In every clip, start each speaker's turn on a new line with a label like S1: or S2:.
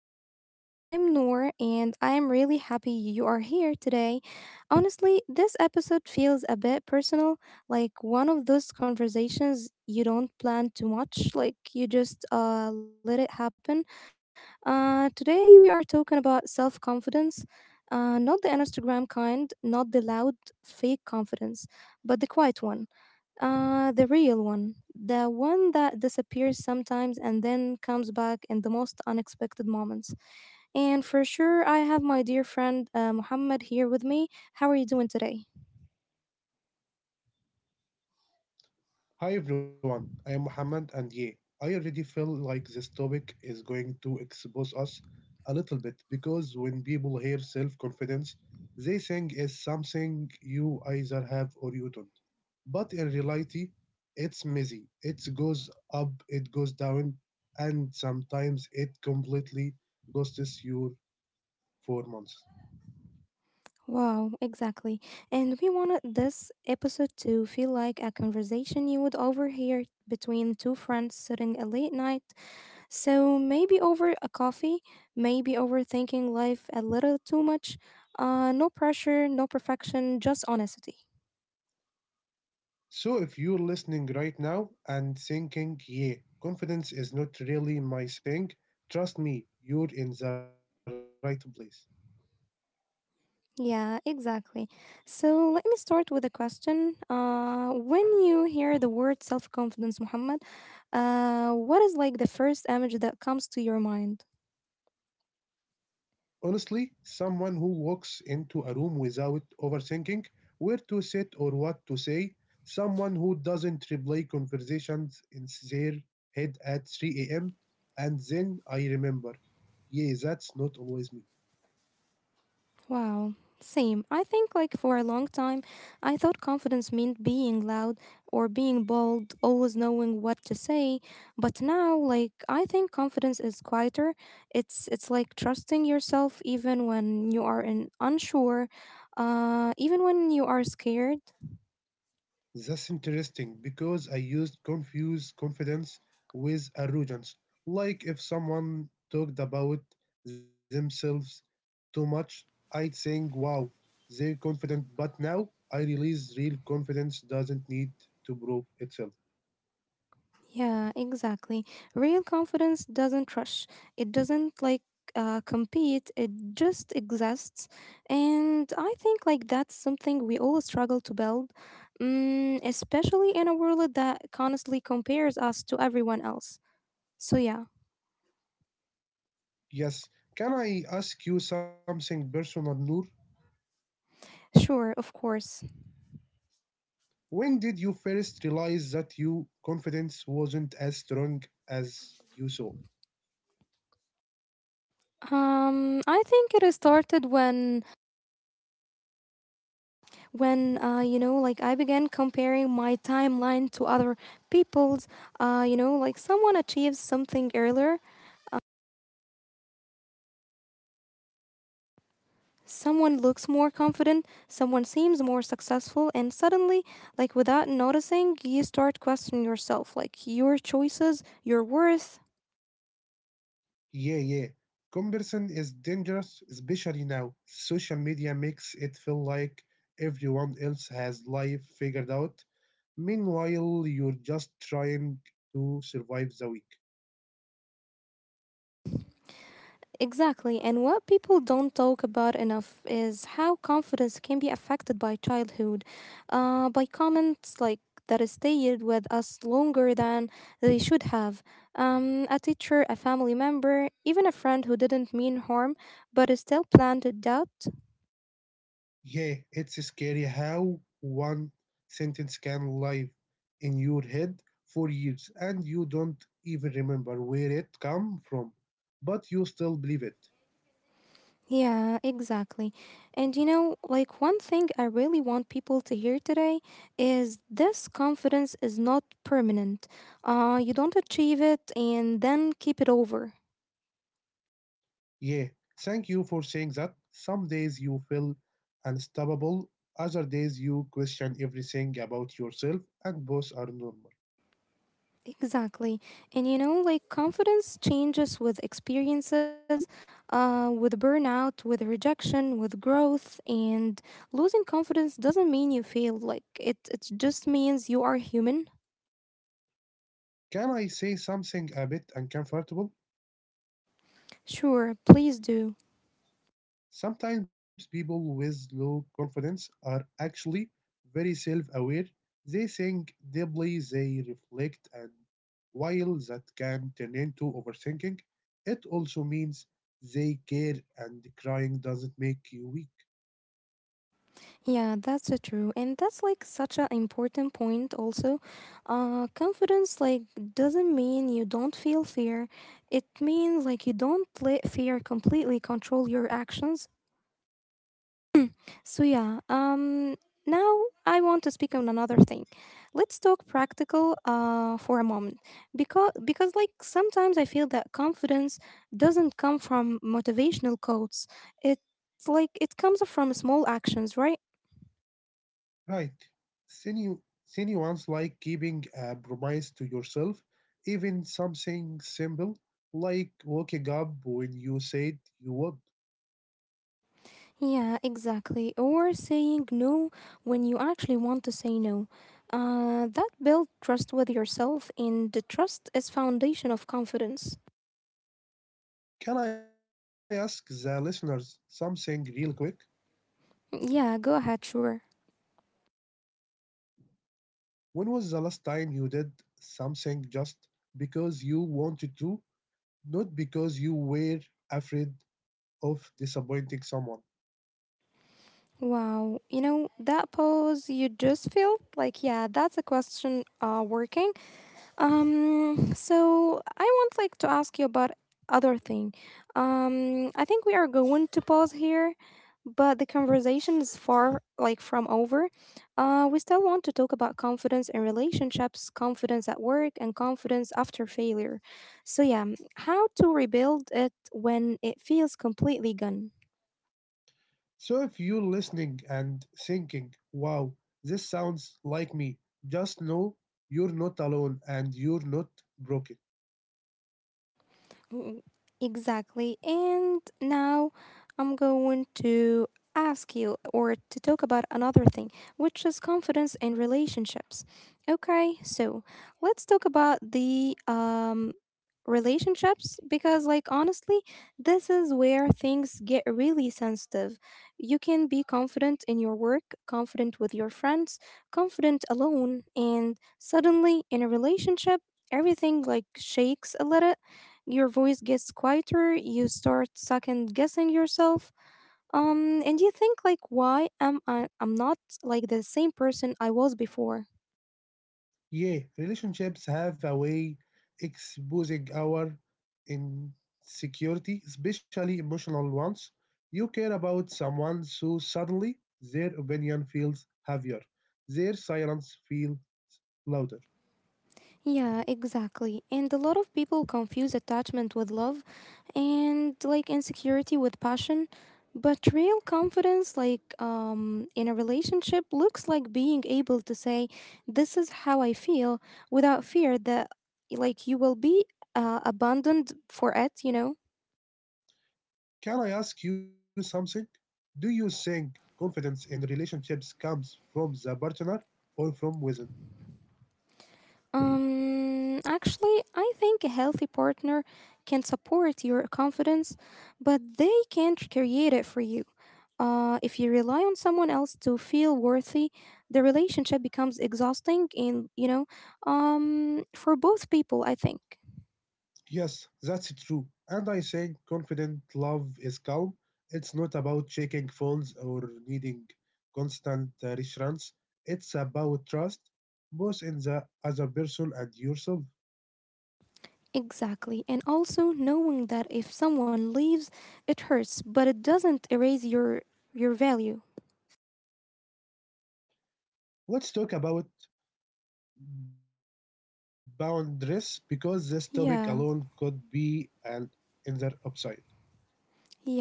S1: episode. I'm Noor, and I am really happy you are here today. Honestly, this episode feels a bit personal, like one of those conversations you don't plan too much, like you just let it happen. Today, we are talking about self confidence. Not the Instagram kind, not the loud, fake confidence, but the quiet one. The real one. The one that disappears sometimes and then comes back in the most unexpected moments. And for sure, I have my dear friend Muhammad here with me. How are you doing today?
S2: Hi everyone, I am Mohammed and yeah, I already feel like this topic is going to expose us a little bit because when people hear self confidence, they think it's something you either have or you don't. But in reality, it's messy. It goes up, it goes down, and sometimes it completely ghosts you for months.
S1: Wow, exactly. And we wanted this episode to feel like a conversation you would overhear between two friends sitting at late night. So maybe over a coffee, maybe overthinking life a little too much. No pressure, no perfection, just honesty.
S2: So, if you're listening right now and thinking, yeah, confidence is not really my thing, trust me, you're in the right place.
S1: Yeah, exactly. So let me start with a question. When you hear the word self confidence, Muhammad, what is like the first image that comes to your mind?
S2: Honestly, someone who walks into a room without overthinking where to sit or what to say, someone who doesn't replay conversations in their head at 3 a.m., and then I remember, yeah, that's not always me.
S1: Wow. Same. I think like for a long time, I thought confidence meant being loud or being bold, always knowing what to say. But now, like I think confidence is quieter. It's like trusting yourself even when you are in unsure, even when you are scared.
S2: That's interesting because I used confuse confidence with arrogance. Like if someone talked about themselves too much, I'd think, wow, they're confident. But now I realize real confidence doesn't need to prove itself.
S1: Yeah, exactly. Real confidence doesn't rush. It doesn't like compete. It just exists, and I think like that's something we all struggle to build, especially in a world that constantly compares us to everyone else. So yeah,
S2: Yes, can I ask you something personal, Noor?
S1: sure, of course.
S2: When did you first realize that your confidence wasn't as strong as you saw?
S1: I think it started when you know like I began comparing my timeline to other people's. You know, like someone achieves something earlier. Someone looks more confident, someone seems more successful, and suddenly, like without noticing, you start questioning yourself, like your choices, your worth.
S2: Yeah, yeah. Comparison is dangerous, especially now. Social media makes it feel like everyone else has life figured out. Meanwhile, you're just trying to survive the week.
S1: Exactly. And what people don't talk about enough is how confidence can be affected by childhood, by comments like that stayed with us longer than they should have. A teacher, a family member, even a friend who didn't mean harm but still planted doubt.
S2: Yeah, it's scary how one sentence can live in your head for years and you don't even remember where it come from, but you still believe it.
S1: Yeah, exactly. And you know, like one thing I really want people to hear today is this: confidence is not permanent. You don't achieve it and then keep it over.
S2: Yeah, thank you for saying that. Some days you feel unstoppable, other days you question everything about yourself, and both are normal.
S1: Exactly. And you know, like confidence changes with experiences, with burnout, with rejection, with growth. And losing confidence doesn't mean you failed. Like it just means you are human.
S2: Can I say something a bit uncomfortable?
S1: Sure, please do.
S2: Sometimes people with low confidence are actually very self aware. They think deeply, they reflect, and while that can turn into overthinking, it also means they care, and crying doesn't make you weak.
S1: Yeah, that's true. And that's like such an important point also. Confidence like doesn't mean you don't feel fear. It means like you don't let fear completely control your actions. So yeah, now I want to speak on another thing. Let's talk practical for a moment. Because like sometimes I feel that confidence doesn't come from motivational quotes. It's like it comes from small actions, right?
S2: Right. Sinu- Sinuans like keeping a promise to yourself, even something simple like waking up when you said you would.
S1: Yeah, exactly. Or saying no when you actually want to say no. That build trust with yourself, and the trust is foundation of confidence.
S2: Can I ask the listeners something real quick?
S1: Yeah, go ahead, sure.
S2: When was the last time you did something just because you wanted to, not because you were afraid of disappointing someone?
S1: Wow, you know that pose you just felt like yeah, that's a question. Working. So I want like to ask you about other thing. I think we are going to pause here, but the conversation is far like from over. We still want to talk about confidence in relationships, confidence at work, and confidence after failure. So yeah, how to rebuild it when it feels completely gone.
S2: So if you're listening and thinking, wow, this sounds like me, just know you're not alone and you're not broken.
S1: Mm, Exactly. And now I'm going to ask you or to talk about another thing, which is confidence in relationships. Okay, so let's talk about the relationships because like honestly, this is where things get really sensitive. You can be confident in your work, confident with your friends, confident alone, and suddenly in a relationship everything like shakes a little. Your voice gets quieter. You start second guessing yourself, and you think like, why am I? I'm not like the same person I was before.
S2: Yeah, relationships have a way exposing our insecurity, especially emotional ones. You care about someone, so suddenly their opinion feels heavier, their silence feels louder.
S1: Yeah, exactly. And a lot of people confuse attachment with love and like insecurity with passion. But real confidence like in a relationship looks like being able to say, this is how I feel without fear that like you will be abandoned for it, you know.
S2: Can I ask you something? Do you think confidence in relationships comes from the partner or from within?
S1: Actually, I think a healthy partner can support your confidence, but they can't create it for you. If you rely on someone else to feel worthy, the relationship becomes exhausting and, you know, for both people, I think.
S2: Yes, that's true. And I think confident love is calm. It's not about checking phones or needing constant reassurance. It's about trust, both in the other person and yourself.
S1: Exactly. And also knowing that if someone leaves, it hurts, but it doesn't erase your value.
S2: Let's talk about boundaries because this topic alone could be
S1: Yeah.
S2: an entire episode.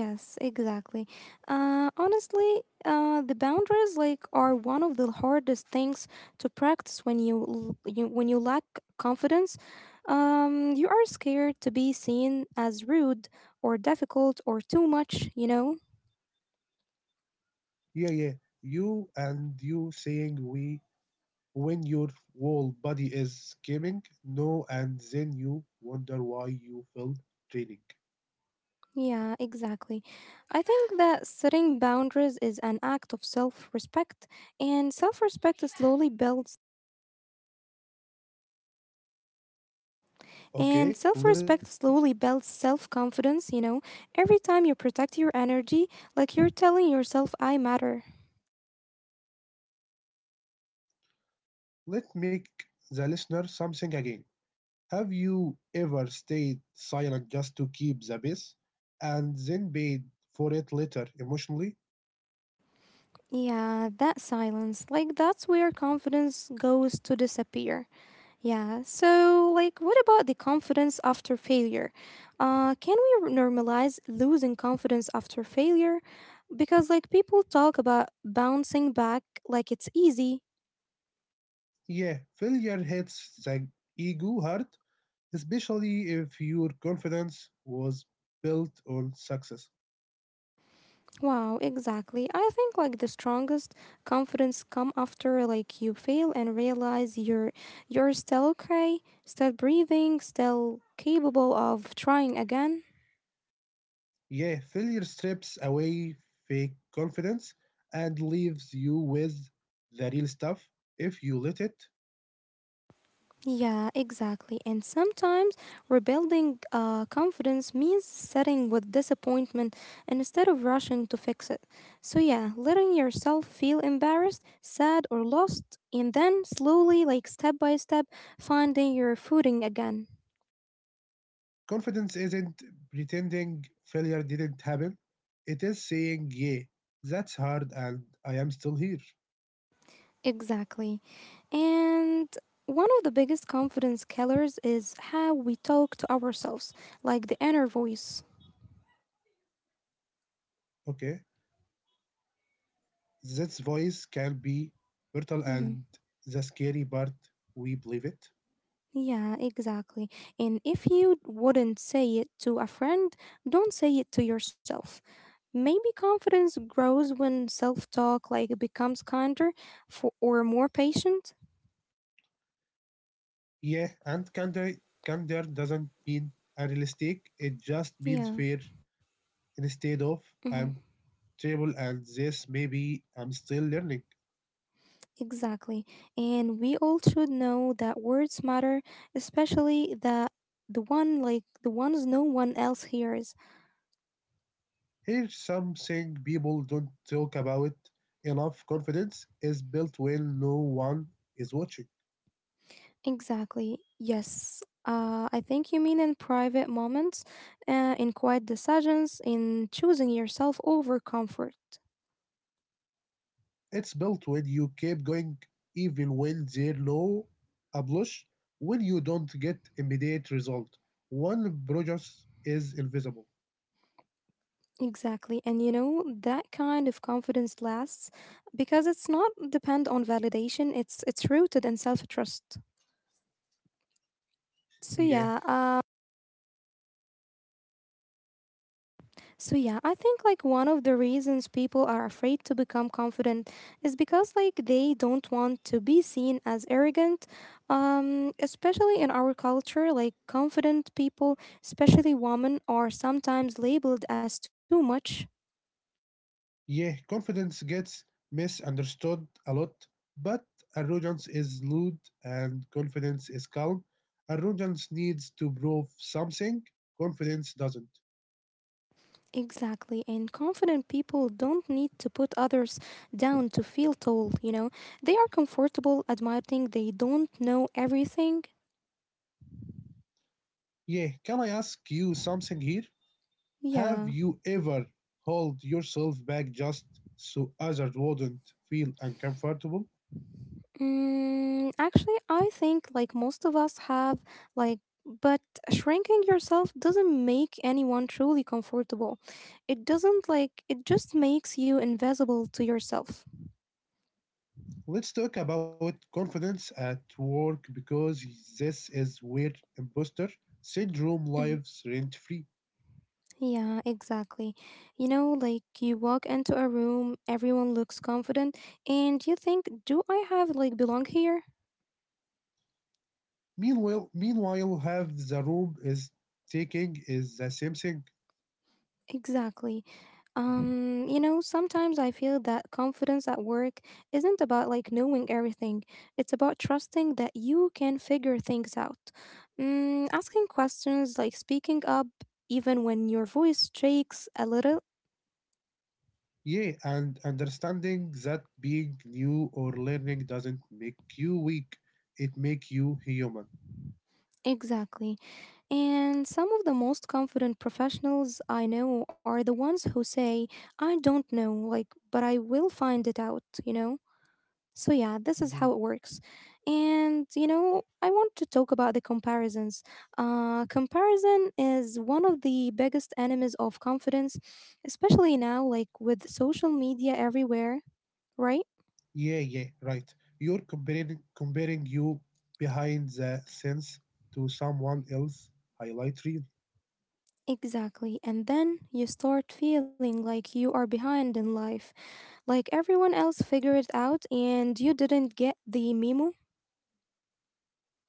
S1: Yes, exactly. Honestly, the boundaries like are one of the hardest things to practice when you lack confidence. You are scared to be seen as rude or difficult or too much. You know.
S2: Yeah, yeah. You and you saying we when your whole body is screaming no, and then you wonder why you feel draining.
S1: Yeah, exactly. I think that setting boundaries is an act of self-respect, and
S2: Okay,
S1: self
S2: let
S1: respect slowly builds self confidence, you know. Every time you protect your energy, like you're telling yourself, I matter.
S2: let make the listener something again. Have you ever stayed silent just to keep the peace, and then paid for it later emotionally?
S1: Yeah, that silence, like that's where confidence goes to disappear. Yeah, so like what about the confidence after failure? Can we normalize losing confidence after failure? Because like people talk about bouncing back like it's easy.
S2: Yeah, failure hits the ego hard, especially if your confidence was built on success.
S1: Wow, exactly. I think like the strongest confidence come after like you fail and realize you're still okay, still breathing, still capable of trying again.
S2: Yeah, failure strips away fake confidence and leaves you with the real stuff if you let it.
S1: Yeah, exactly. And sometimes rebuilding confidence means sitting with disappointment instead of rushing to fix it. So, yeah, letting yourself feel embarrassed, sad, or lost, and then slowly, like step by step, finding your footing again.
S2: Confidence isn't pretending failure didn't happen, it is saying, yeah, that's hard and I am still here.
S1: Exactly. And one of the biggest confidence killers is how we talk to ourselves, like the inner voice.
S2: Okay, this voice can be brutal
S1: Mhm.
S2: and the scary part, we believe it.
S1: Yeah, exactly. And if you wouldn't say it to a friend, don't say it to yourself. Maybe confidence grows when self-talk like becomes kinder for, or more patient.
S2: Yeah, and candor, candor doesn't mean unrealistic, it just means
S1: Yeah.
S2: fair. Instead of
S1: Mm-hmm.
S2: I'm terrible at this, maybe I'm still learning.
S1: Exactly. And we all should know that words matter, especially the one like the ones no one else hears.
S2: Here's something people don't talk about enough confidence is built when no one is watching.
S1: Exactly. Yes. I think you mean in private moments, in quiet decisions, in choosing yourself over comfort.
S2: It's built when you keep going, even when there's no applause, when you don't get immediate result. One progress is invisible.
S1: Exactly. And you know, that kind of confidence lasts because it's not depend on validation, it's rooted in self-trust. So
S2: Yeah.
S1: yeah, uh, So yeah, I think like one of the reasons people are afraid to become confident is because like they don't want to be seen as arrogant. Especially in our culture, like confident people, especially women are sometimes labeled as too much.
S2: Yeah, confidence gets misunderstood a lot, but arrogance is lewd and confidence is calm. Arrogance needs to prove something, confidence doesn't.
S1: Exactly. And confident people don't need to put others down to feel tall, you know. They are comfortable admitting they don't know everything.
S2: Yeah, can I ask you something here? Have
S1: Yeah.
S2: you ever hold yourself back just so others wouldn't feel uncomfortable?
S1: Actually, I think like most of us have like but shrinking yourself doesn't make anyone truly comfortable. It doesn't like it just makes you invisible to yourself.
S2: Let's talk about confidence at work because this is where imposter syndrome
S1: Mhm.
S2: lives rent free.
S1: Yeah, exactly. You know, like you walk into a room, everyone looks confident, and you think, "Do I have like belong here?"
S2: Meanwhile, meanwhile, have the room is taking is the same thing.
S1: Exactly. You know, sometimes I feel that confidence at work isn't about like knowing everything. It's about trusting that you can figure things out. Asking questions, like speaking up, even when your voice shakes a little.
S2: Yeah, and understanding that being new or learning doesn't make you weak. It make you human.
S1: Exactly. And some of the most confident professionals I know are the ones who say, I don't know, like, but I will find it out, you know? So, yeah, this is
S2: Yeah,
S1: how it works. And, you know, I want to talk about the comparisons. Comparison is one of the biggest enemies of confidence, especially now, like with social media everywhere, right?
S2: yeah, yeah. Right. You're comparing you behind the scenes to someone else highlight reel.
S1: Exactly. And then you start feeling like you are behind in life, like everyone else figured it out and you didn't get the memo.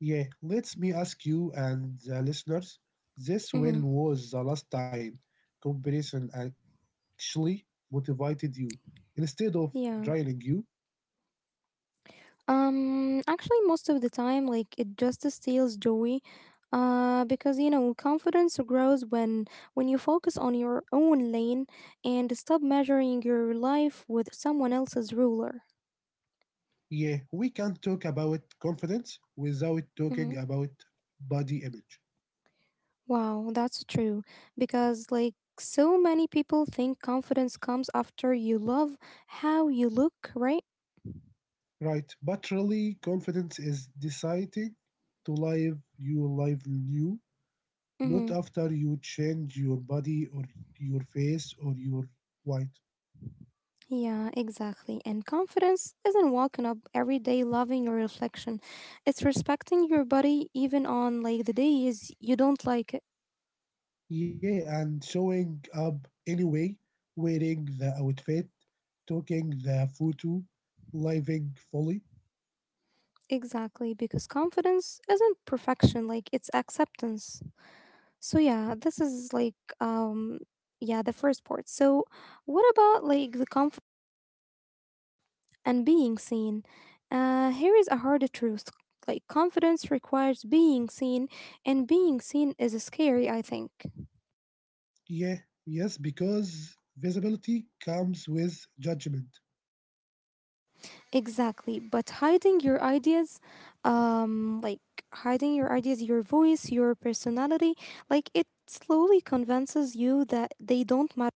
S2: Yeah, let me ask you and the listeners this when
S1: Hmm.
S2: was the last time comparison actually motivated you instead of draining
S1: Yeah.
S2: you?
S1: Actually, most of the time, like it just steals joy. Because you know confidence grows when you focus on your own lane and stop measuring your life with someone else's ruler.
S2: Yeah, we can't talk about confidence without talking
S1: Mhm.
S2: about body image,
S1: Wow, that's true. Because like so many people think confidence comes after you love how you look, right?
S2: right? But really, confidence is deciding to live your life new, not
S1: Mhm.
S2: after you change your body or your face or your weight.
S1: Yeah, exactly. And confidence isn't walking up every day loving your reflection. It's respecting your body even on like the days you don't like it.
S2: Yeah, and showing up anyway, wearing the outfit, taking the photo, living fully.
S1: Exactly, because confidence isn't perfection, like it's acceptance. So yeah, this is like um yeah, the first part. So what about like the comfort and being seen? Here is a hard truth. Like confidence requires being seen and being seen is scary, I think.
S2: Yeah, yes, because visibility comes with judgment.
S1: Exactly, but hiding your ideas, like hiding your ideas, your voice, your personality, like it slowly convinces you that they don't matter.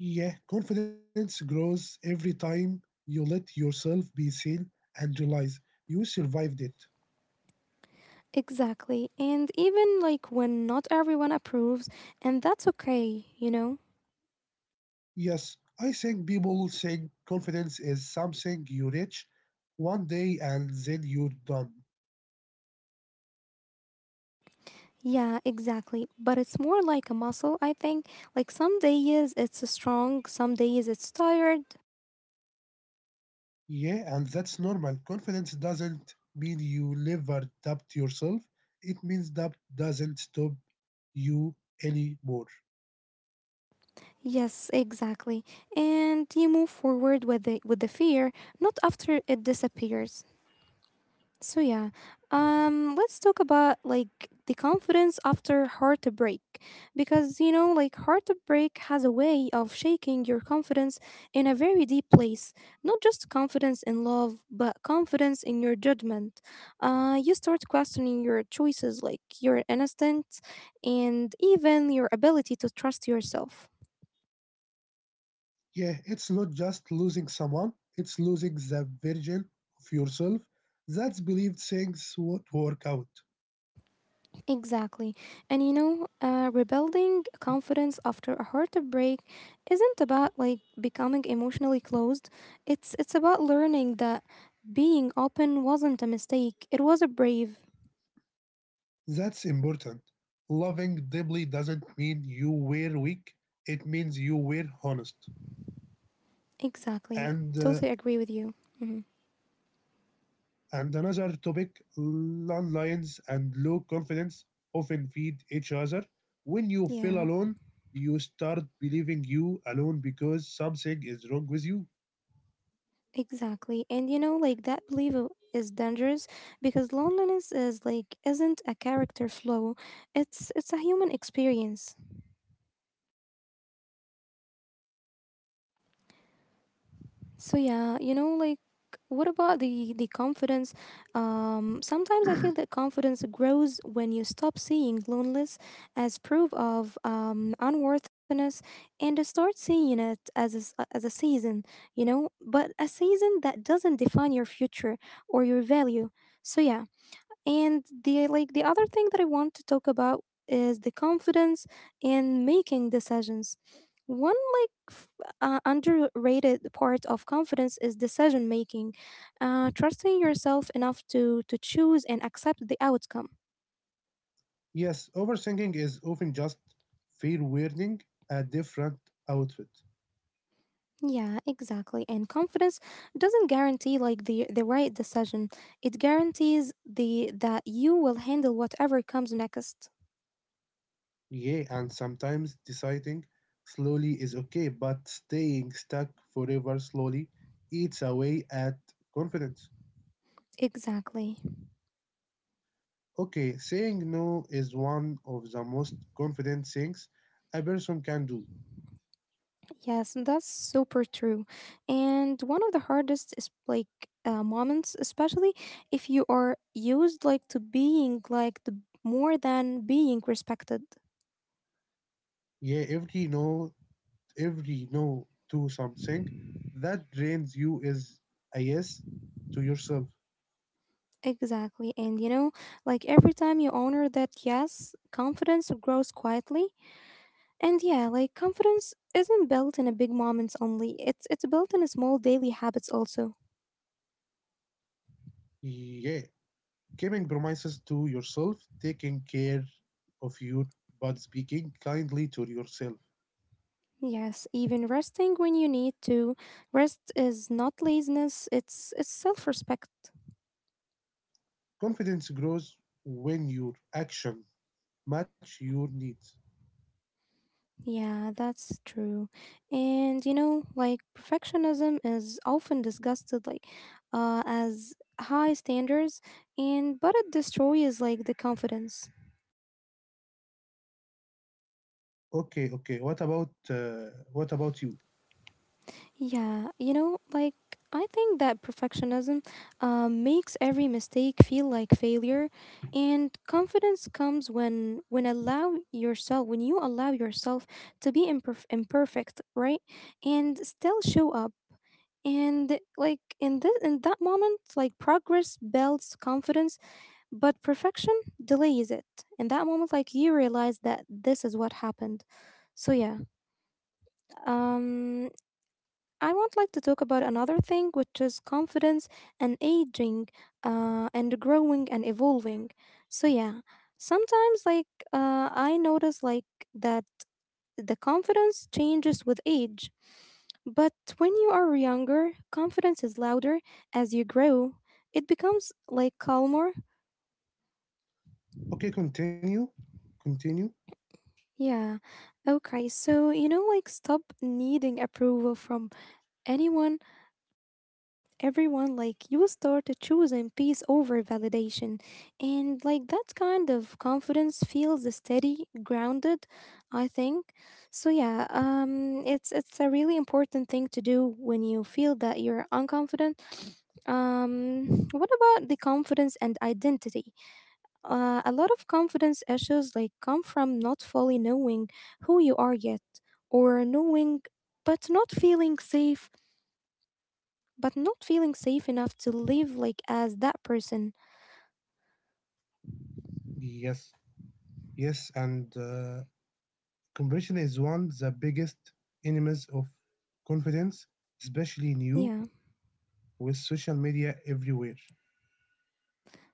S2: Yeah, confidence grows every time you let yourself be seen and realize you survived it.
S1: Exactly, and even like when not everyone approves, and that's okay, you know?
S2: Yes, I think people think confidence is something you reach one day and then you're done.
S1: Yeah, exactly. But it's more like a muscle, I think. Like some days it's strong, some days it's tired.
S2: Yeah, and that's normal. Confidence doesn't mean you never doubt yourself. It means doubt doesn't stop you anymore.
S1: Yes, exactly. And you move forward with the fear, not after it disappears. So yeah, let's talk about like the confidence after heartbreak, because you know, like heartbreak has a way of shaking your confidence in a very deep place. Not just confidence in love, but confidence in your judgment. You start questioning your choices, like your instinct, and even your ability to trust yourself.
S2: Yeah, it's not just losing someone, it's losing the version of yourself that's believed things would work out.
S1: Exactly. And you know, rebuilding confidence after a heartbreak isn't about like becoming emotionally closed. It's about learning that being open wasn't a mistake. It was a brave.
S2: That's important. Loving deeply doesn't mean you were weak, it means you were honest.
S1: Exactly.
S2: And uh,
S1: Totally agree with you. Hmm.
S2: And another topic landlines and low confidence often feed each other. When you feel
S1: Yeah.
S2: alone, you start believing you alone because something is wrong with you.
S1: Exactly. And you know, like that is dangerous because loneliness is like isn't a character flaw. It's a human experience. So yeah, you know, like what about the confidence? Sometimes I feel that confidence grows when you stop seeing loneliness as proof of unworthiness and start seeing it as as a season. You know, but a season that doesn't define your future or your value. So yeah. And the like the other thing that I want to talk about is the confidence in making decisions. One like f- Underrated part of confidence is decision making, trusting yourself enough to choose and accept the outcome.
S2: Yes, overthinking is often just fear wearing a different outfit.
S1: Yeah, exactly. And confidence doesn't guarantee like the right decision. It guarantees the that you will handle whatever comes next.
S2: Yeah, and sometimes deciding slowly is okay, but staying stuck forever slowly eats away at confidence.
S1: Exactly.
S2: Okay, saying no is one of the most confident things a person can do.
S1: Yes, that's super true. And one of the hardest is like moments, especially if you are used like to being like more than being respected.
S2: Yeah, every no to something that drains you is a yes to yourself.
S1: Exactly. And you know, like every time you honor that yes, confidence grows quietly. And yeah, like confidence isn't built in a big moments only. It's built in small daily habits also.
S2: Yeah, keeping promises to yourself, taking care of you, but speaking kindly to yourself.
S1: Yes, even resting when you need to. Rest is not laziness, it's self-respect.
S2: Confidence grows when your action match your needs.
S1: Yeah, that's true. And you know, like perfectionism is often disgusted like as high standards and but it destroys like the confidence.
S2: Okay, okay. What about you?
S1: Yeah, you know, like I think that perfectionism makes every mistake feel like failure and confidence comes when allow yourself when you allow yourself to be imperfect, right? And still show up and like in this in that moment like progress builds confidence but perfection delays it in that moment like you realize that this is what happened. So yeah. um I want like to talk about another thing, which is confidence and aging, and growing and evolving. So yeah, sometimes like I notice like that the confidence changes with age. But when you are younger, confidence is louder as you grow. It becomes like calmer.
S2: Okay, continue. Continue.
S1: Yeah. Okay. So, you know, like stop needing approval from anyone everyone, like you start choosing peace over validation, and like that kind of confidence feels steady grounded, I think. So yeah, it's a really important thing to do when you feel that you're unconfident. um what about the confidence and identity? A lot of confidence issues like come from not fully knowing who you are yet, or knowing but not feeling safe but not feeling safe enough to live like as that person.
S2: Yes. Yes, and comparison is one of the biggest enemies of confidence, especially
S1: Yeah.
S2: new with social media everywhere.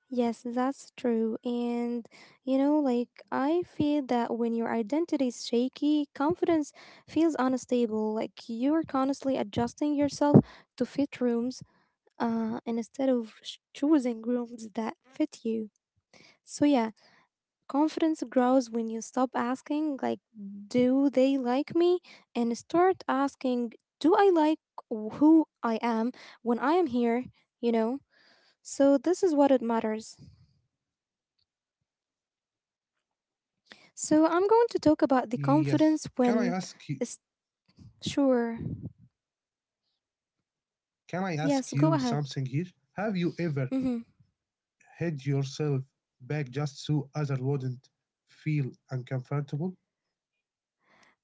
S1: Yes, that's true. And you know, like I feel that when your identity is shaky, confidence feels unstable. Like you're constantly adjusting yourself to fit rooms, and instead of choosing rooms that fit you. So, yeah, confidence grows when you stop asking, like, do they like me? And start asking, do I like who I am when I am here? You know? So, this is what it matters. So, I'm going to talk
S2: Yes.
S1: about the
S2: Can I ask
S1: confidence
S2: you,
S1: when. It's, sure.
S2: can I ask you
S1: Yes, go
S2: something
S1: ahead.
S2: here? Have you ever
S1: Mm-hmm.
S2: hedge yourself back just so others wouldn't feel uncomfortable?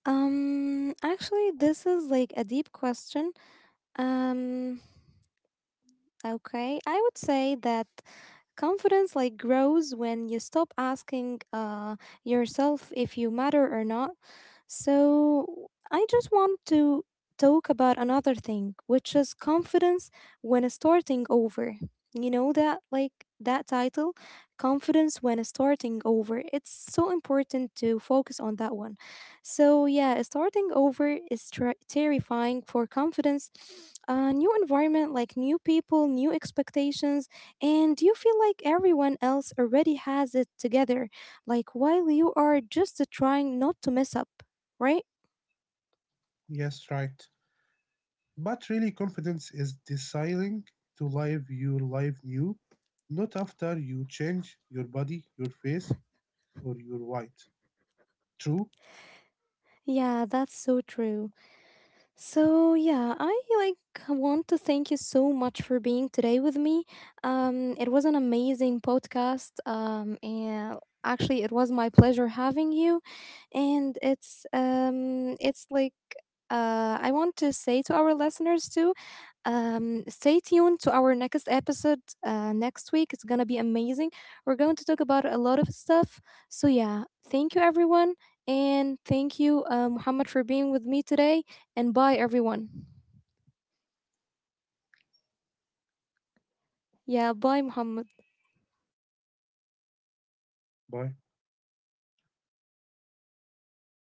S1: Actually, this is like a deep question. Um, okay. I would say that confidence like grows when you stop asking yourself if you matter or not. So I just want to talk about another thing, which is confidence when starting over. You know that like that title, confidence when starting over. It's so important to focus on that one. So yeah, starting over is terrifying for confidence. A new environment, like new people, new expectations, and you feel like everyone else already has it together, like while you are just trying not to mess up, right?
S2: Yes, right. But really, confidence is deciding to live your life new, not after you change your body, your face, or your weight. True?
S1: Yeah, that's so true. So, yeah, I like want to thank you so much for being today with me. It was an amazing podcast. And actually it was my pleasure having you, and it's like I want to say to our listeners too. Stay tuned to our next episode next week. It's going to be amazing. We're going to talk about a lot of stuff. So, yeah, thank you, everyone. And thank you, Muhammad, for being with me today. And bye, everyone. Yeah, bye, Muhammad.
S2: Bye.